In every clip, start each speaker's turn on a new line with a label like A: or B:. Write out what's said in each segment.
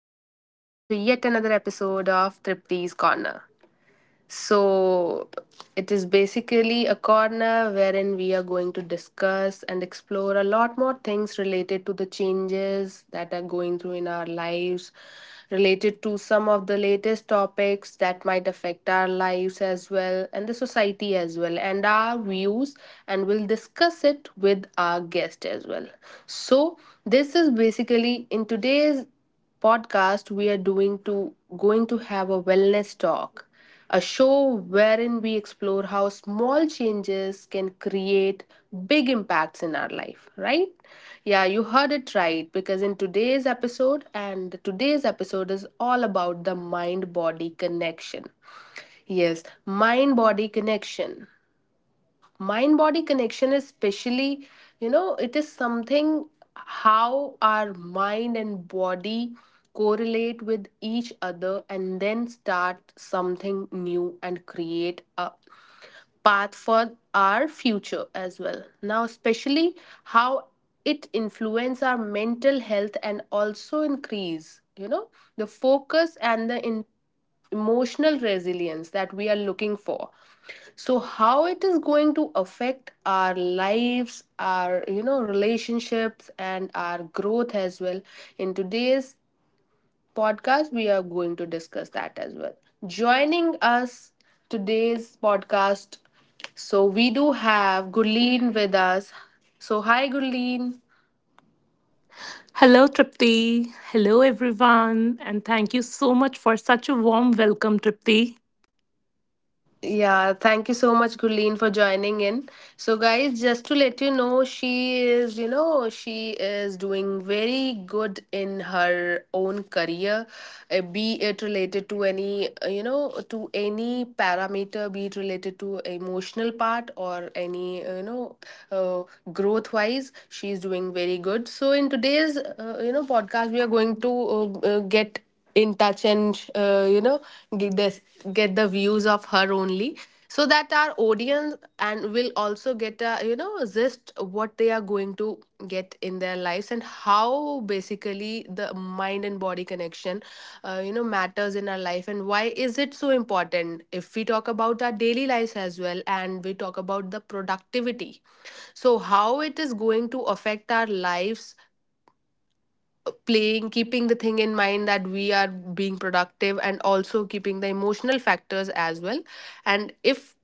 A: Welcome to yet another episode of Tripti's Corner. So, it is basically a corner wherein we are going to discuss and explore a lot more things related to the changes that are going through in our lives, related to some of the latest topics that might affect our lives as well and the society as well, and our views, and we'll discuss it with our guest as well. So, this is basically in today's podcast we are doing to going to have a wellness talk, a show wherein we explore how small changes can create big impacts in our life, right? Yeah, you heard it right because in today's episode and today's episode is all about the mind body connection. Yes, mind body connection is especially you know it is something how our mind and body correlate with each other and then start something new and create a path for our future as well. Now especially how it influence our mental health and also increase you know the focus and the in emotional resilience that we are looking for, so how it is going to affect our lives, our you know relationships and our growth as well. In today's podcast we are going to discuss that as well. Joining us today's podcast, so we do have Gurleen with us. So hi, Gurleen.
B: Hello, Tripti. Hello, everyone. And thank you so much for such a warm welcome, Tripti.
A: Yeah, thank you so much, Gurleen, for joining in. So, guys, just to let you know, she is, you know, she is doing very good in her own career, be it related to any, you know, to any parameter, be it related to emotional part or any, you know, uh, growth wise, she is doing very good. So, in today's, you know, podcast, we are going to get in touch and you know get this get the views of her only, so that our audience and will also get a you know just what they are going to get in their lives, and how basically the mind and body connection you know matters in our life and why is it so important if we talk about our daily lives as well and we talk about the productivity. So how it is going to affect our lives, playing keeping the thing in mind that we are being productive and also keeping the emotional factors as well. And if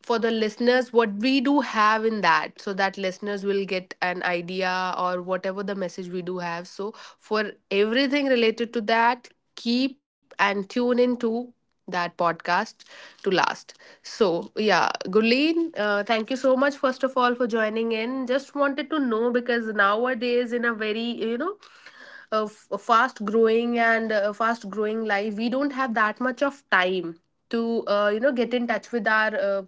A: for the listeners what we do have in that so that listeners will get an idea or whatever the message we do have, so for everything related to that, keep and tune into that podcast to last. So yeah, Guleen, thank you so much first of all for joining in. Just wanted to know because nowadays in a very you know a fast growing and fast growing life, we don't have that much of time to you know get in touch with our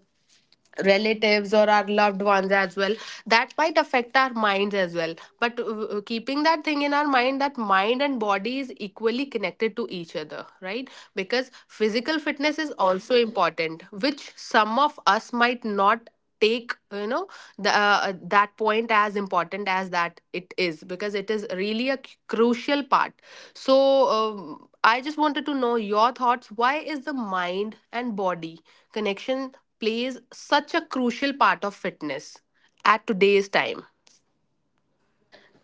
A: relatives or our loved ones as well, that might affect our minds as well. But keeping that thing in our mind that mind and body is equally connected to each other, right? Because physical fitness is also important, which some of us might not take you know the, that point as important as that it is, because it is really a crucial part. So I just wanted to know your thoughts, why is the mind and body connection plays such a crucial part of fitness at today's time?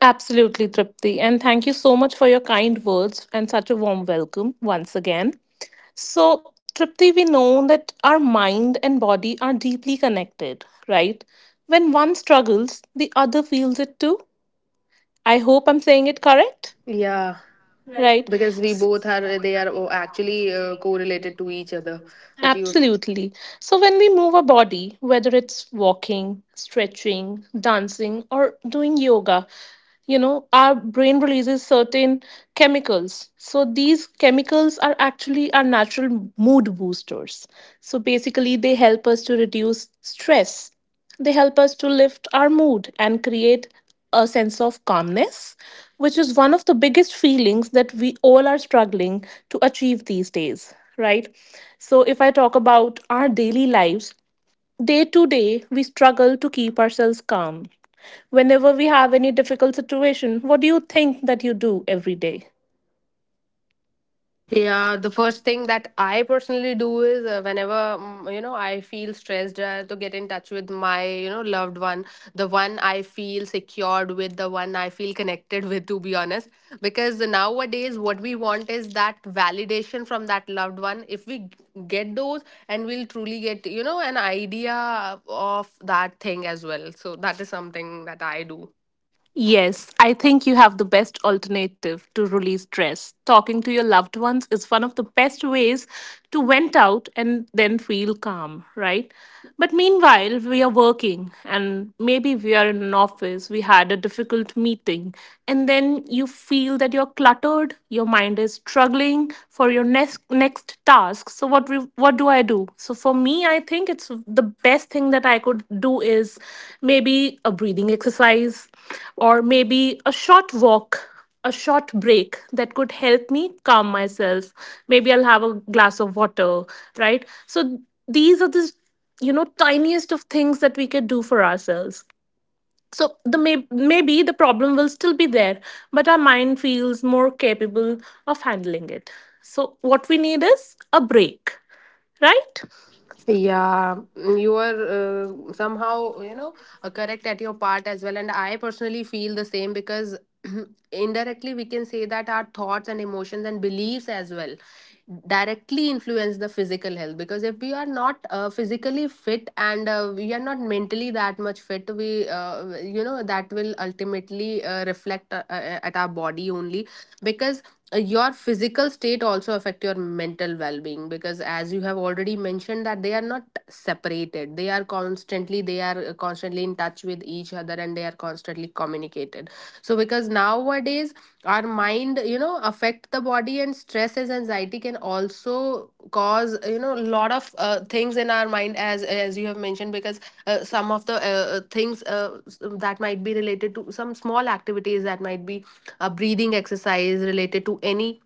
B: Absolutely, Tripti. And thank you so much for your kind words and such a warm welcome once again. So, Tripti, we know that our mind and body are deeply connected, right? When one struggles, the other feels it too. I hope I'm saying it correct,
A: Yeah,
B: right?
A: because we both are, they are oh, actually correlated to each other. But you,
B: Absolutely. So, when we move our body, whether it's walking, stretching, dancing, or doing yoga, our brain releases certain chemicals. So, these chemicals are actually our natural mood boosters. So, basically, they help us to reduce stress. They help us to lift our mood and create a sense of calmness, which is one of the biggest feelings that we all are struggling to achieve these days, right? So, if I talk about our daily lives, day to day, we struggle to keep ourselves calm. Whenever we have any difficult situation, what do you think that you do every day?
A: Yeah, the first thing that I personally do is whenever you know I feel stressed to get in touch with my you know loved one, the one I feel secured with, the one I feel connected with, to be honest, because nowadays what we want is that validation from that loved one. If we g- get those and we'll truly get you know an idea of that thing as well. So that is something that I do.
B: Yes, I think you have the best alternative to release stress. Talking to your loved ones is one of the best ways to vent out and then feel calm, right? But meanwhile, we are working and maybe we are in an office, we had a difficult meeting, and then you feel that you're cluttered, your mind is struggling for your next task. So what do I do? So for me, I think it's the best thing that I could do is maybe a breathing exercise, or maybe a short walk, a short break that could help me calm myself. Maybe I'll have a glass of water, right? So these are the, tiniest of things that we could do for ourselves. So maybe the problem will still be there, but our mind feels more capable of handling it. So what we need is a break, right?
A: Yeah, you are somehow, you know, correct at your part as well. And I personally feel the same because indirectly we can say that our thoughts and emotions and beliefs as well directly influence the physical health. Because if we are not physically fit and we are not mentally that much fit, we, you know, that will ultimately reflect at our body only. Because your physical state also affect your mental well-being, because as you have already mentioned that they are not separated, they are constantly in touch with each other and they are constantly communicated. So because nowadays our mind you know affect the body, and stress as anxiety can also cause you know a lot of things in our mind, as you have mentioned because some of the things that might be related to some small activities, that might be a breathing exercise related to any.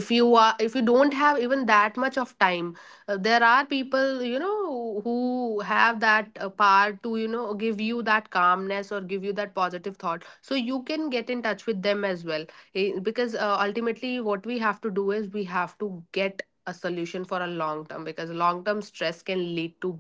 A: If you are if you don't have even that much of time, there are people you know who have that power to you know give you that calmness or give you that positive thought, so you can get in touch with them as well. Eh, because ultimately what we have to do is we have to get a solution for a long term, because long term stress can lead to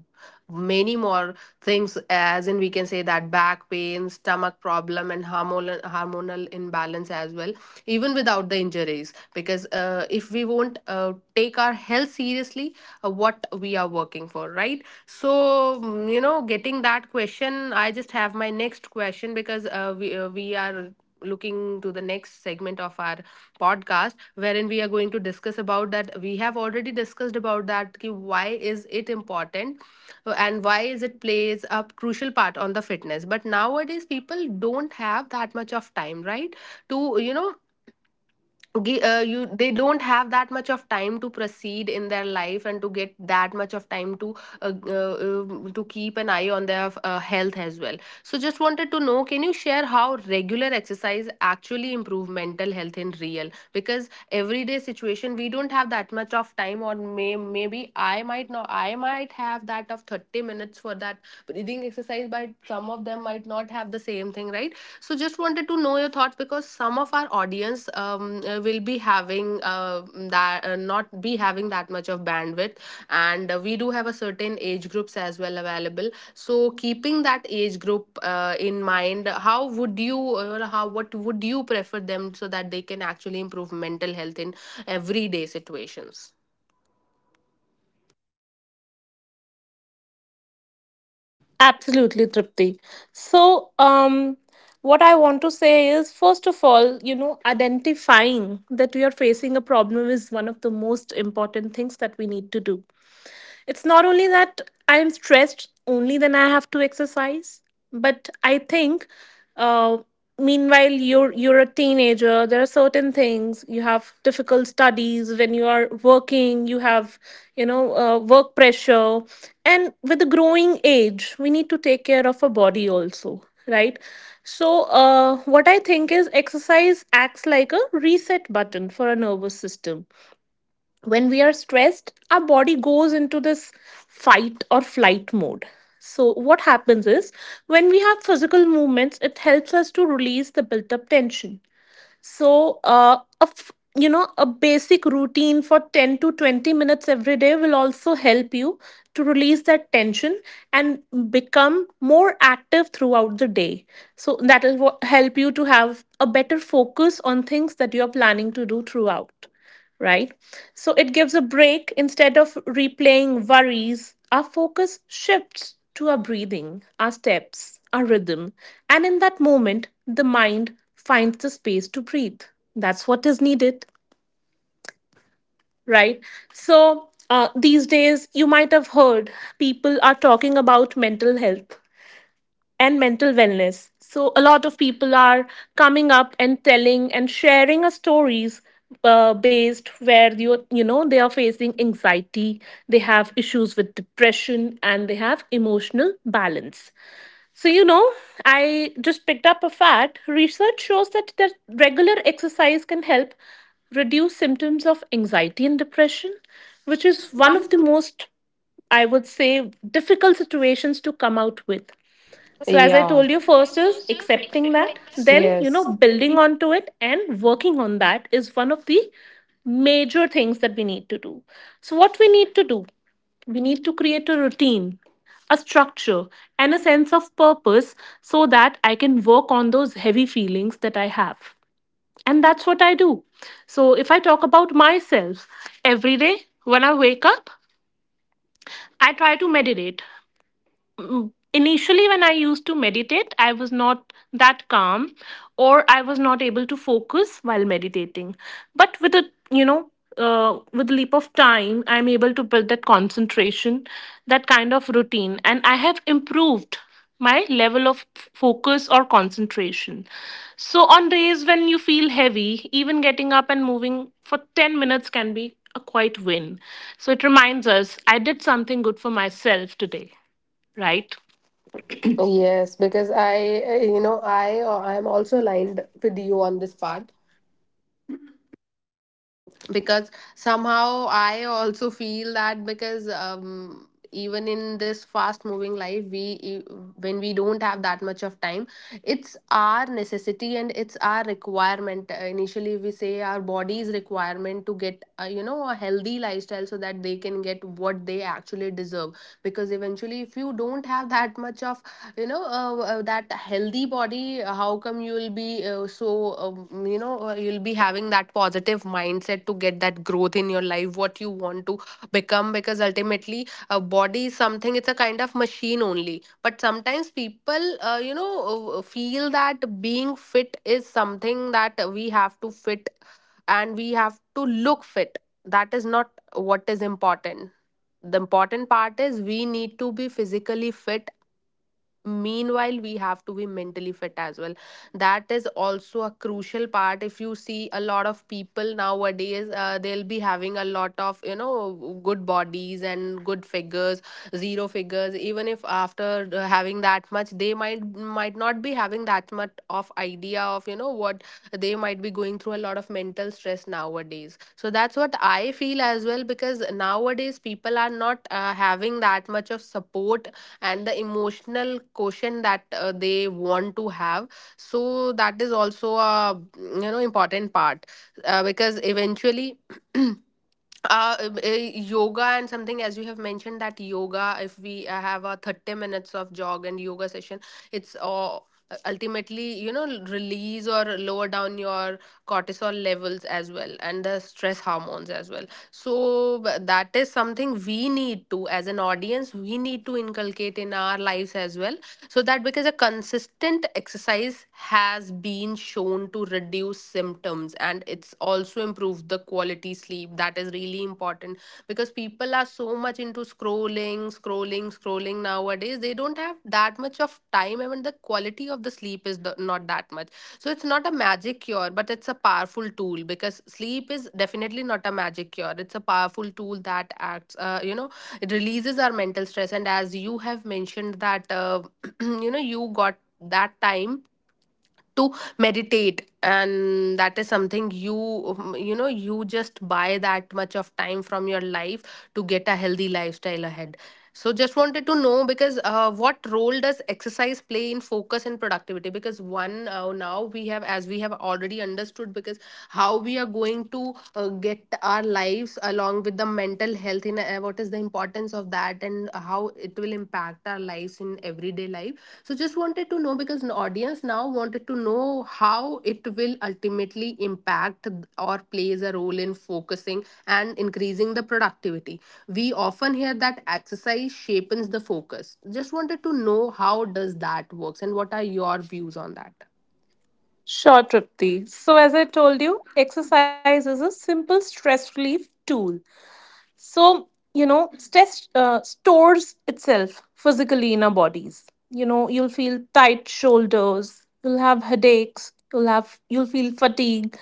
A: many more things, as in we can say that back pain, stomach problem and hormonal imbalance as well, even without the injuries. Because if we won't take our health seriously, what we are working for, right? So you know getting that question, I just have my next question. Because we are looking to the next segment of our podcast wherein we are going to discuss about that. We have already discussed about that ki why is it important, and why is it plays a crucial part on the fitness. But nowadays people don't have that much of time, right? To you know you they don't have that much of time to proceed in their life and to get that much of time to keep an eye on their health as well. So just wanted to know, can you share how regular exercise actually improve mental health in real? Because everyday situation we don't have that much of time, or maybe I might not, I might have that of 30 minutes for that breathing exercise, but some of them might not have the same thing, right? So just wanted to know your thoughts, because some of our audience will be having that not be having that much of bandwidth, and we do have a certain age groups as well available. So keeping that age group in mind, how would you, or how what would you prefer them, so that they can actually improve mental health in everyday situations?
B: Absolutely, Tripti. So, what I want to say is, first of all, identifying that we are facing a problem is one of the most important things that we need to do. It's not only that I am stressed, only then I have to exercise. But I think, uh, meanwhile you're a teenager. There are certain things. You have difficult studies when you are working. You have you know work pressure, and with the growing age, we need to take care of our body also, right? So, what I think is, exercise acts like a reset button for our nervous system. When we are stressed, our body goes into this fight or flight mode. So what happens is, when we have physical movements, it helps us to release the built up tension. So a f- you know a basic routine for 10 to 20 minutes every day will also help you to release that tension and become more active throughout the day, so that will help you to have a better focus on things that you are planning to do throughout, right? So it gives a break. Instead of replaying worries, our focus shifts to our breathing, our steps, our rhythm. And in that moment, the mind finds the space to breathe. That's what is needed, right? So these days, you might have heard people are talking about mental health and mental wellness. So, a lot of people are coming up and telling and sharing a stories based where they are facing anxiety, they have issues with depression, and they have emotional balance. So, I just picked up a fact. Research shows that the regular exercise can help reduce symptoms of anxiety and depression, which is one of the most, I would say, difficult situations to come out with. So, as I
A: Yeah,
B: told you, first is accepting that, then, building onto it and working on that is one of the major things that we need to do. So, what we need to do, we need to create a routine, a structure, and a sense of purpose so that I can work on those heavy feelings that I have. And that's what I do. So, if I talk about myself, every day when I wake up, I try to meditate. Mm, Initially, when I used to meditate, I was not that calm, or I was not able to focus while meditating. But with a you know with leap of time, I'm able to build that concentration, that kind of routine, and I have improved my level of focus or concentration. So on days when you feel heavy, even getting up and moving for 10 minutes can be a quite win. So it reminds us, I did something good for myself today, right?
A: yes, because I, you know, I am also aligned with you on this part, because somehow I also feel that. Because even in this fast moving life when we don't have that much of time, it's our necessity and it's our requirement. Initially we say our body's requirement to get you know a healthy lifestyle so that they can get what they actually deserve. Because eventually if you don't have that much of you know that healthy body, how come you'll be so you know you'll be having that positive mindset to get that growth in your life, what you want to become? Because ultimately a body is something, it's a kind of machine only. But sometimes people you know feel that being fit is something that we have to fit and we have to look fit. That is not what is important. The important part is we need to be physically fit, meanwhile we have to be mentally fit as well. That is also a crucial part. If you see a lot of people nowadays, they'll be having a lot of you know good bodies and good figures, zero figures. Even if after having that much, they might not be having that much of idea of you know what, they might be going through a lot of mental stress nowadays. So that's what I feel as well, because nowadays people are not having that much of support and the emotional quotient that they want to have. So that is also a you know important part. Because eventually yoga and something, as you have mentioned that yoga, if we have a 30 minutes of jog and yoga session, It's ultimately, you know, release or lower down your cortisol levels as well, and the stress hormones as well. So that is something we need to, as an audience, we need to inculcate in our lives as well. So that, because a consistent exercise has been shown to reduce symptoms, and it's also improved the quality sleep. That is really important, because people are so much into scrolling, scrolling, scrolling nowadays. They don't have that much of time, even the quality of the sleep is not that much. So it's not a magic cure, but it's a powerful tool, because sleep is definitely not a magic cure. It's a powerful tool that acts, it releases our mental stress. And as you have mentioned that you know, you got that time to meditate, and that is something you you know, you just buy that much of time from your life to get a healthy lifestyle ahead. So just wanted to know, because what role does exercise play in focus and productivity? Because one now we have, as we have already understood, because how we are going to get our lives along with the mental health in what is the importance of that, and how it will impact our lives in everyday life. So just wanted to know, because an audience now wanted to know how it will ultimately impact or plays a role in focusing and increasing the productivity. We often hear that exercise shapens the focus. Just wanted to know how does that works, and what are your views on that?
B: Sure, Tripti. So, as I told you, exercise is a simple stress relief tool. So, stress stores itself physically in our bodies. You know, you'll feel tight shoulders, you'll have headaches, you'll feel fatigue.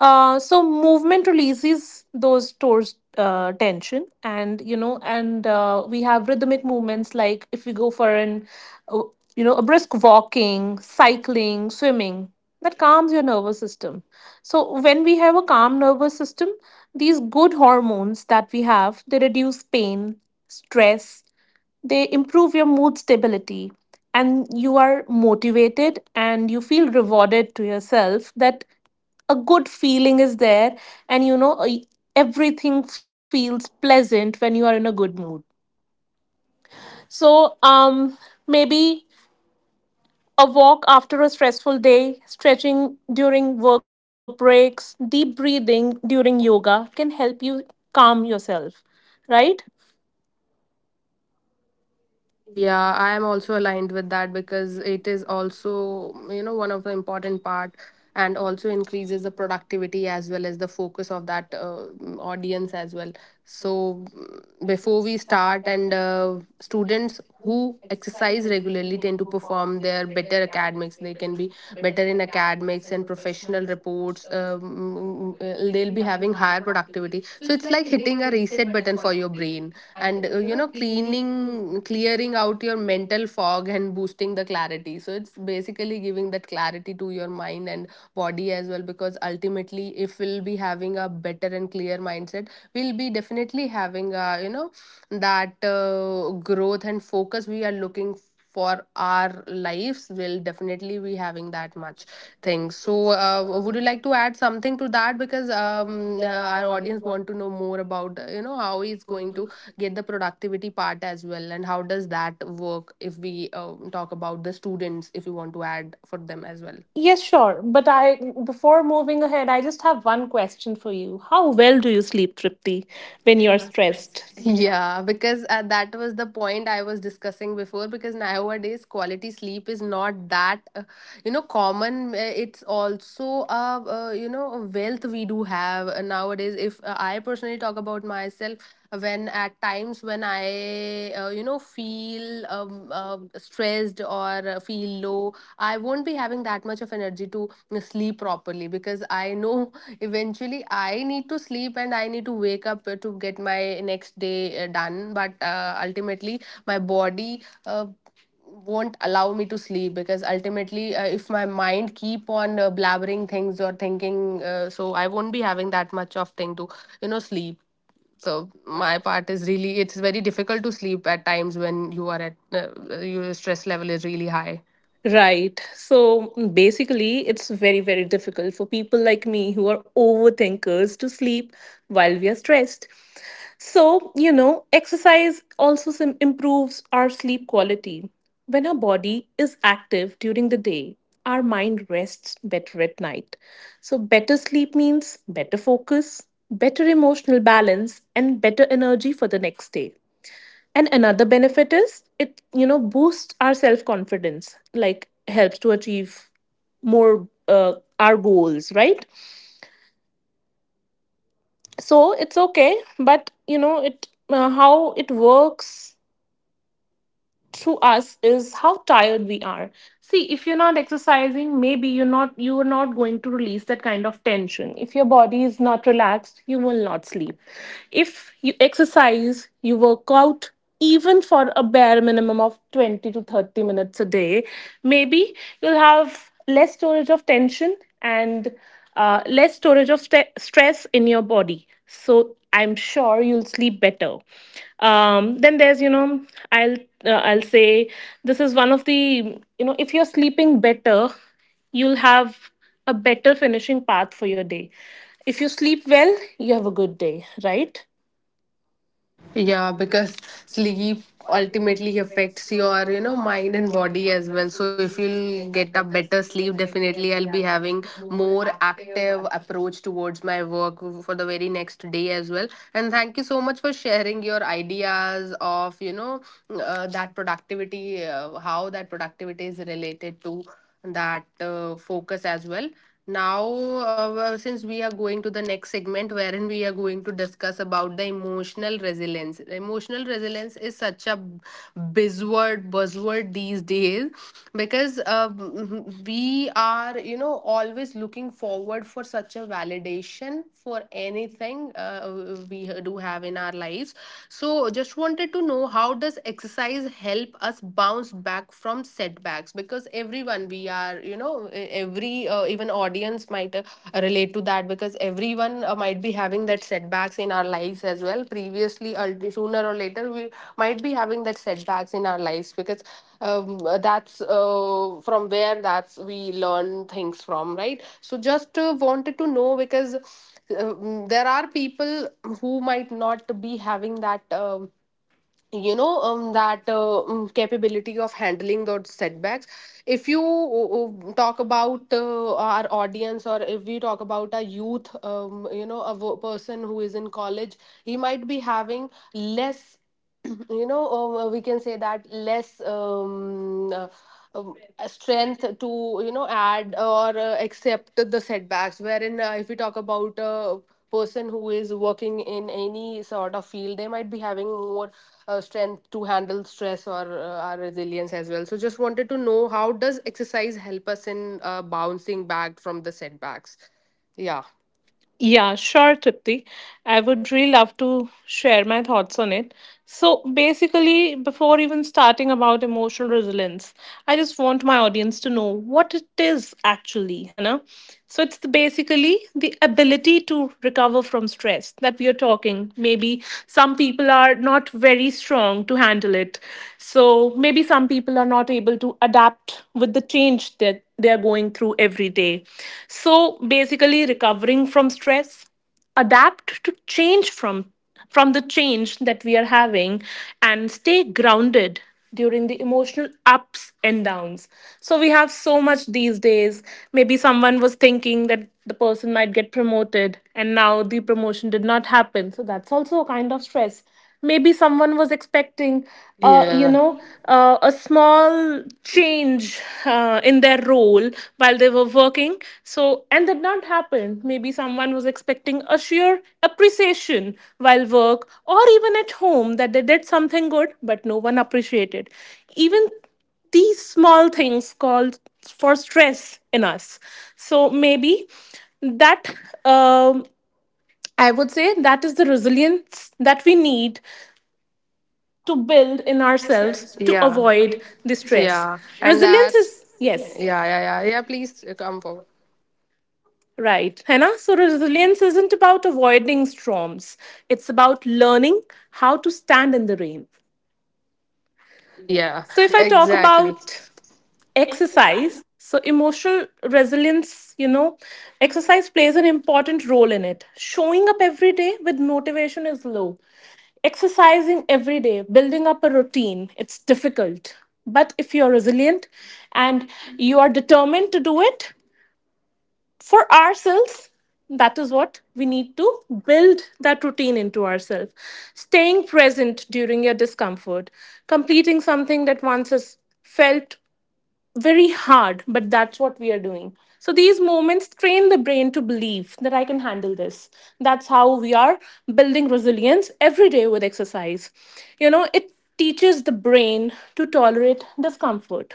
B: So movement releases those stores tension, and we have rhythmic movements like, if we go for an, uh, a brisk walking, cycling, swimming, that calms your nervous system. So, when we have a calm nervous system, these good hormones that we have, they reduce pain, stress, they improve your mood stability, and you are motivated and you feel rewarded to yourself that a good feeling is there. And everything feels pleasant when you are in a good mood. So maybe a walk after a stressful day, stretching during work breaks, deep breathing during yoga can help you calm yourself, right?
A: Yeah, I am also aligned with that, because it is also, you know, one of the important part, and also increases the productivity as well as the focus of that audience as well. So mm, before we start, and students who exercise regularly tend to perform their better academics, they can be better in academics and professional reports. They'll be having higher productivity. So it's like hitting a reset button for your brain, and you know, cleaning, clearing out your mental fog and boosting the clarity. So it's basically giving that clarity to your mind and body as well, because ultimately, if we'll be having a better and clear mindset, we'll be definitely having a, you know, that growth and focus we are looking for our lives, will definitely be having that much thing. So would you like to add something to that? Because our audience want to know more about you know, how is going to get the productivity part as well, and how does that work if we talk about the students, if you want to add for them as well.
B: Yes, sure. But I, before moving ahead, I just have one question for you. How well do you sleep, Tripti, when you're stressed?
A: Yeah, because that was the point I was discussing before. Because nowadays, quality sleep is not that, common. It's also a, a wealth we do have nowadays. If I personally talk about myself, when at times when I, feel stressed or feel low, I won't be having that much of energy to sleep properly, because I know eventually I need to sleep and I need to wake up to get my next day done. But ultimately, my body won't allow me to sleep, because ultimately, if my mind keep on blabbering things or thinking, so I won't be having that much of thing to, you know, sleep. So my part is really, it's very difficult to sleep at times when you are at, your stress level is really high.
B: Right. So basically, it's very, very difficult for people like me who are overthinkers to sleep while we are stressed. So, exercise also improves our sleep quality. When our body is active during the day, our mind rests better at night. So, better sleep means better focus, better emotional balance, and better energy for the next day. And another benefit is, it, boosts our self confidence, like helps to achieve more, our goals, right? So it's okay, but it, how it works through us is how tired we are. See, if you're not exercising, maybe you're not going to release that kind of tension. If your body is not relaxed, you will not sleep. If you exercise, you work out even for a bare minimum of 20 to 30 minutes a day, maybe you'll have less storage of tension, and less storage of stress in your body. So I'm sure you'll sleep better. Then there's, I'll I'll say, this is one of the, if you're sleeping better, you'll have a better finishing path for your day. If you sleep well, you have a good day, right?
A: Yeah, because sleep ultimately affects your, you know, mind and body as well. So if you'll get a better sleep, definitely I'll be having more active approach towards my work for the very next day as well. And thank you so much for sharing your ideas of, you know, that productivity, how that productivity is related to that focus as well. Now, since we are going to the next segment, wherein we are going to discuss about the emotional resilience. Emotional resilience is such a buzzword, buzzword these days, because we are, you know, always looking forward for such a validation for anything we do have in our lives. So, just wanted to know, how does exercise help us bounce back from setbacks? Because everyone, we are, you know, every even audience might relate to that, because everyone might be having that setbacks in our lives as well, previously or sooner or later we might be having that setbacks in our lives. Because that's from where that's we learn things from, right? So just wanted to know, because there are people who might not be having that you know that capability of handling those setbacks. If you talk about our audience, or if we talk about a youth, you know, a person who is in college, he might be having less you know, we can say that less um, strength to, you know, add or accept the setbacks, wherein if we talk about a person who is working in any sort of field, they might be having more strength to handle stress or our resilience as well. So just wanted to know, how does exercise help us in bouncing back from the setbacks? Yeah.
B: Yeah, sure, Tripti. I would really love to share my thoughts on it. So basically, before even starting about emotional resilience, I just want my audience to know what it is actually. So it's basically the ability to recover from stress that we are talking. Maybe some people are not very strong to handle it. So maybe some people are not able to adapt with the change that they are going through every day. So basically, recovering from stress, adapt to change, from the change that we are having, and stay grounded during the emotional ups and downs. So we have so much these days. Maybe someone was thinking that the person might get promoted and now the promotion did not happen, so that's also a kind of stress. Maybe someone was expecting, uh, you
A: Yeah.
B: know a small change, in their role while they were working, so, and that not happened. Maybe someone was expecting a sheer appreciation while work, or even at home, that they did something good but no one appreciated. Even these small things called for stress in us. So maybe that, um, I would say, that is the resilience that we need to build in
A: In
B: ourselves
A: ourselves.
B: to
A: Yeah.
B: avoid the stress.
A: Yeah. And
B: Resilience
A: that's
B: is,
A: yeah,
B: yes,
A: yeah, yeah. Yeah, please come forward.
B: right, Hannah. So, resilience isn't about avoiding storms, it's about learning how to stand in the rain.
A: Yeah,
B: So, if I talk
A: exactly.
B: about exercise, so emotional resilience, exercise plays an important role in it. Showing up every day with motivation is low. Exercising every day, building up a routine, it's difficult. But if you're resilient and you are determined to do it for ourselves, that is what we need, to build that routine into ourselves. Staying present during your discomfort, completing something that once has felt very hard, but that's what we are doing. So these moments train the brain to believe that I can handle this. That's how we are building resilience every day with exercise. It teaches the brain to tolerate discomfort.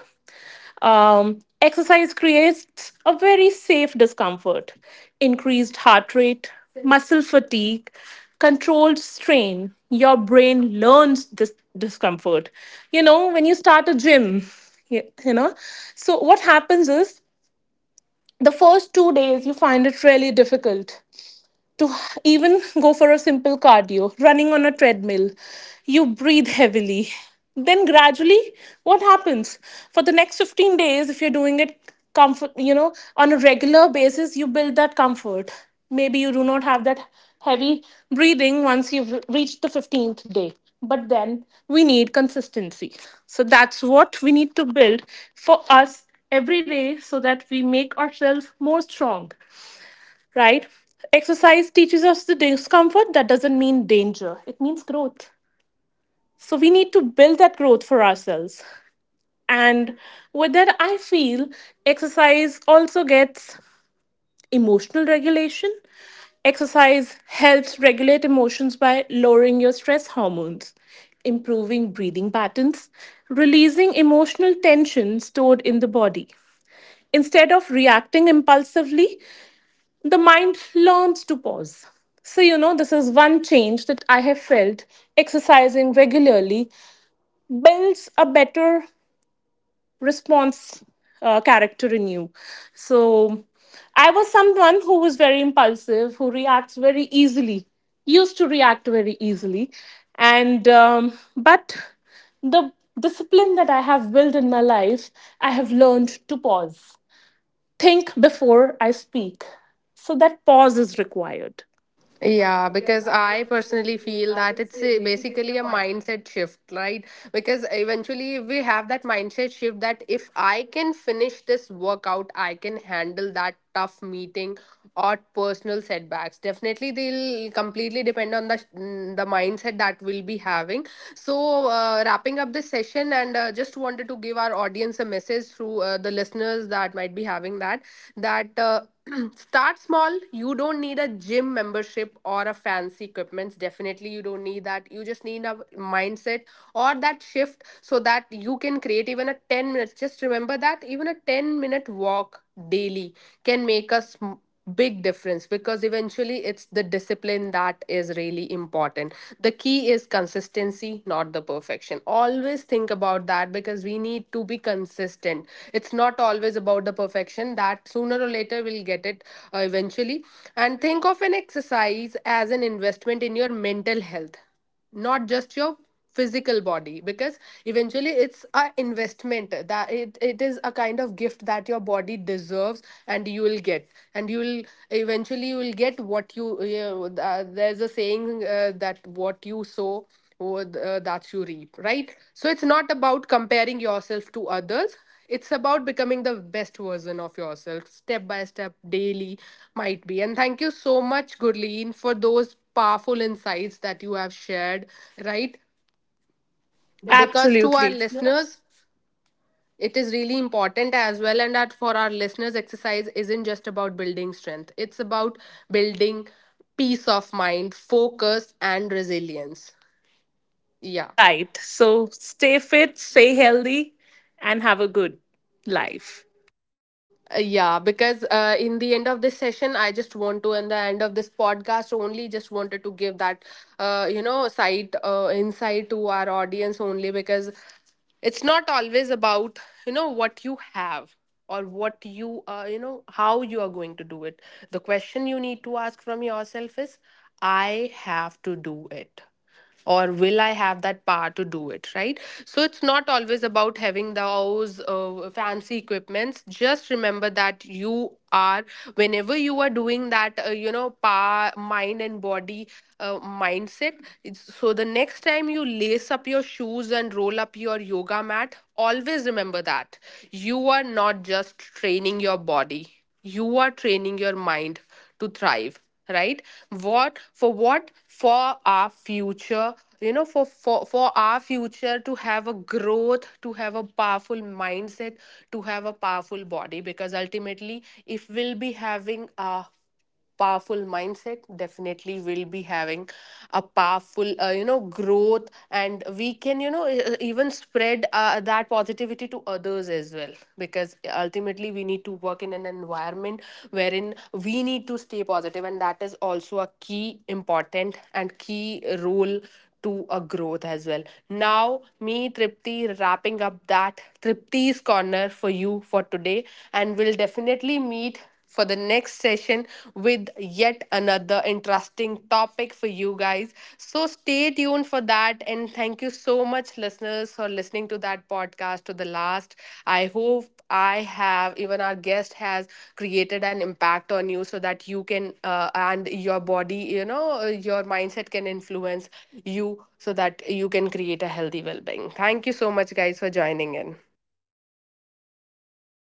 B: Exercise creates a very safe discomfort, increased heart rate, muscle fatigue, controlled strain. Your brain learns this discomfort. When you start a gym, you you know, so what happens is, the first 2 days you find it really difficult to even go for a simple cardio, running on a treadmill, you breathe heavily. Then gradually, what happens? For the next 15 days, if you're doing it comfort, on a regular basis, you build that comfort. Maybe you do not have that heavy breathing once you've reached the 15th day. But then we need consistency. So that's what we need to build for us every day, so that we make ourselves more strong, right? Exercise teaches us the discomfort. That doesn't mean danger, it means growth. So we need to build that growth for ourselves. And with that, I feel exercise also gets emotional regulation. Exercise helps regulate emotions by lowering your stress hormones, improving breathing patterns, releasing emotional tension stored in the body. Instead of reacting impulsively, the mind learns to pause. So, this is one change that I have felt, exercising regularly builds a better response, character in you. So, I was someone who was very impulsive, who reacts very easily, used to react very easily. And, but the discipline that I have built in my life, I have learned to pause, think before I speak. So, that pause is required.
A: Yeah, because I personally feel that it's a, basically a mindset shift, right? Because eventually we have that mindset shift that if I can finish this workout, I can handle that tough meeting or personal setbacks. Definitely, they'll completely depend on the the mindset that we'll be having. So, wrapping up this session, and just wanted to give our audience a message advice through the listeners that might be having that that uh, start small. You don't need a gym membership or a fancy equipments, definitely you don't need that. You just need a mindset or that shift, so that you can create even a 10 minutes. Just remember that even a 10-minute walk daily can make us big difference, because eventually it's the discipline that is really important. The key is consistency, not the perfection. Always think about that, because we need to be consistent. It's not always about the perfection, that sooner or later we'll get it eventually. And think of an exercise as an investment in your mental health, not just your physical body. Because eventually it's a investment that it is a kind of gift that your body deserves, and you will get, and you will, eventually you will get what you there's a saying that what you sow, what that you reap, right? So it's not about comparing yourself to others. It's about becoming the best version of yourself, step by step, daily might be. And thank you so much, Gurleen, for those powerful insights that you have shared. Right? Because to our
B: Absolutely.
A: listeners, it is really important as well, and that for our listeners, exercise isn't just about building strength. It's about building peace of mind, focus, and resilience. Yeah.
B: Right. So stay fit, stay healthy, and have a good life.
A: Yeah, because in the end of this session, I just want to, in the end of this podcast only, just wanted to give that you know sight insight to our audience only, because it's not always about, you know, what you have, or what you, you know, how you are going to do it. The question you need to ask from yourself is, I have to do it, or will I have that power to do it? Right? So it's not always about having those fancy equipments. Just remember that you are, whenever you are doing that, you know, power mind and body, mindset, it's, so the next time you lace up your shoes and roll up your yoga mat, always remember that you are not just training your body, you are training your mind to thrive. Right? What for, what for our future, you know, for our future, to have a growth, to have a powerful mindset, to have a powerful body. Because ultimately, if we'll be having a powerful mindset, definitely will be having a powerful, you know, growth, and we can, you know, even spread that positivity to others as well, because ultimately we need to work in an environment wherein we need to stay positive, and that is also a key important and key role to a growth as well. Now, me, Tripti, wrapping up that Tripti's corner for you for today, and we'll definitely meet for the next session with yet another interesting topic for you guys. So stay tuned for that. And thank you so much, listeners, for listening to that podcast to the last. I hope I have, even our guest has, created an impact on you, so that you can, and your body, you know, your mindset can influence you, so that you can create a healthy well being. Thank you so much, guys, for joining in.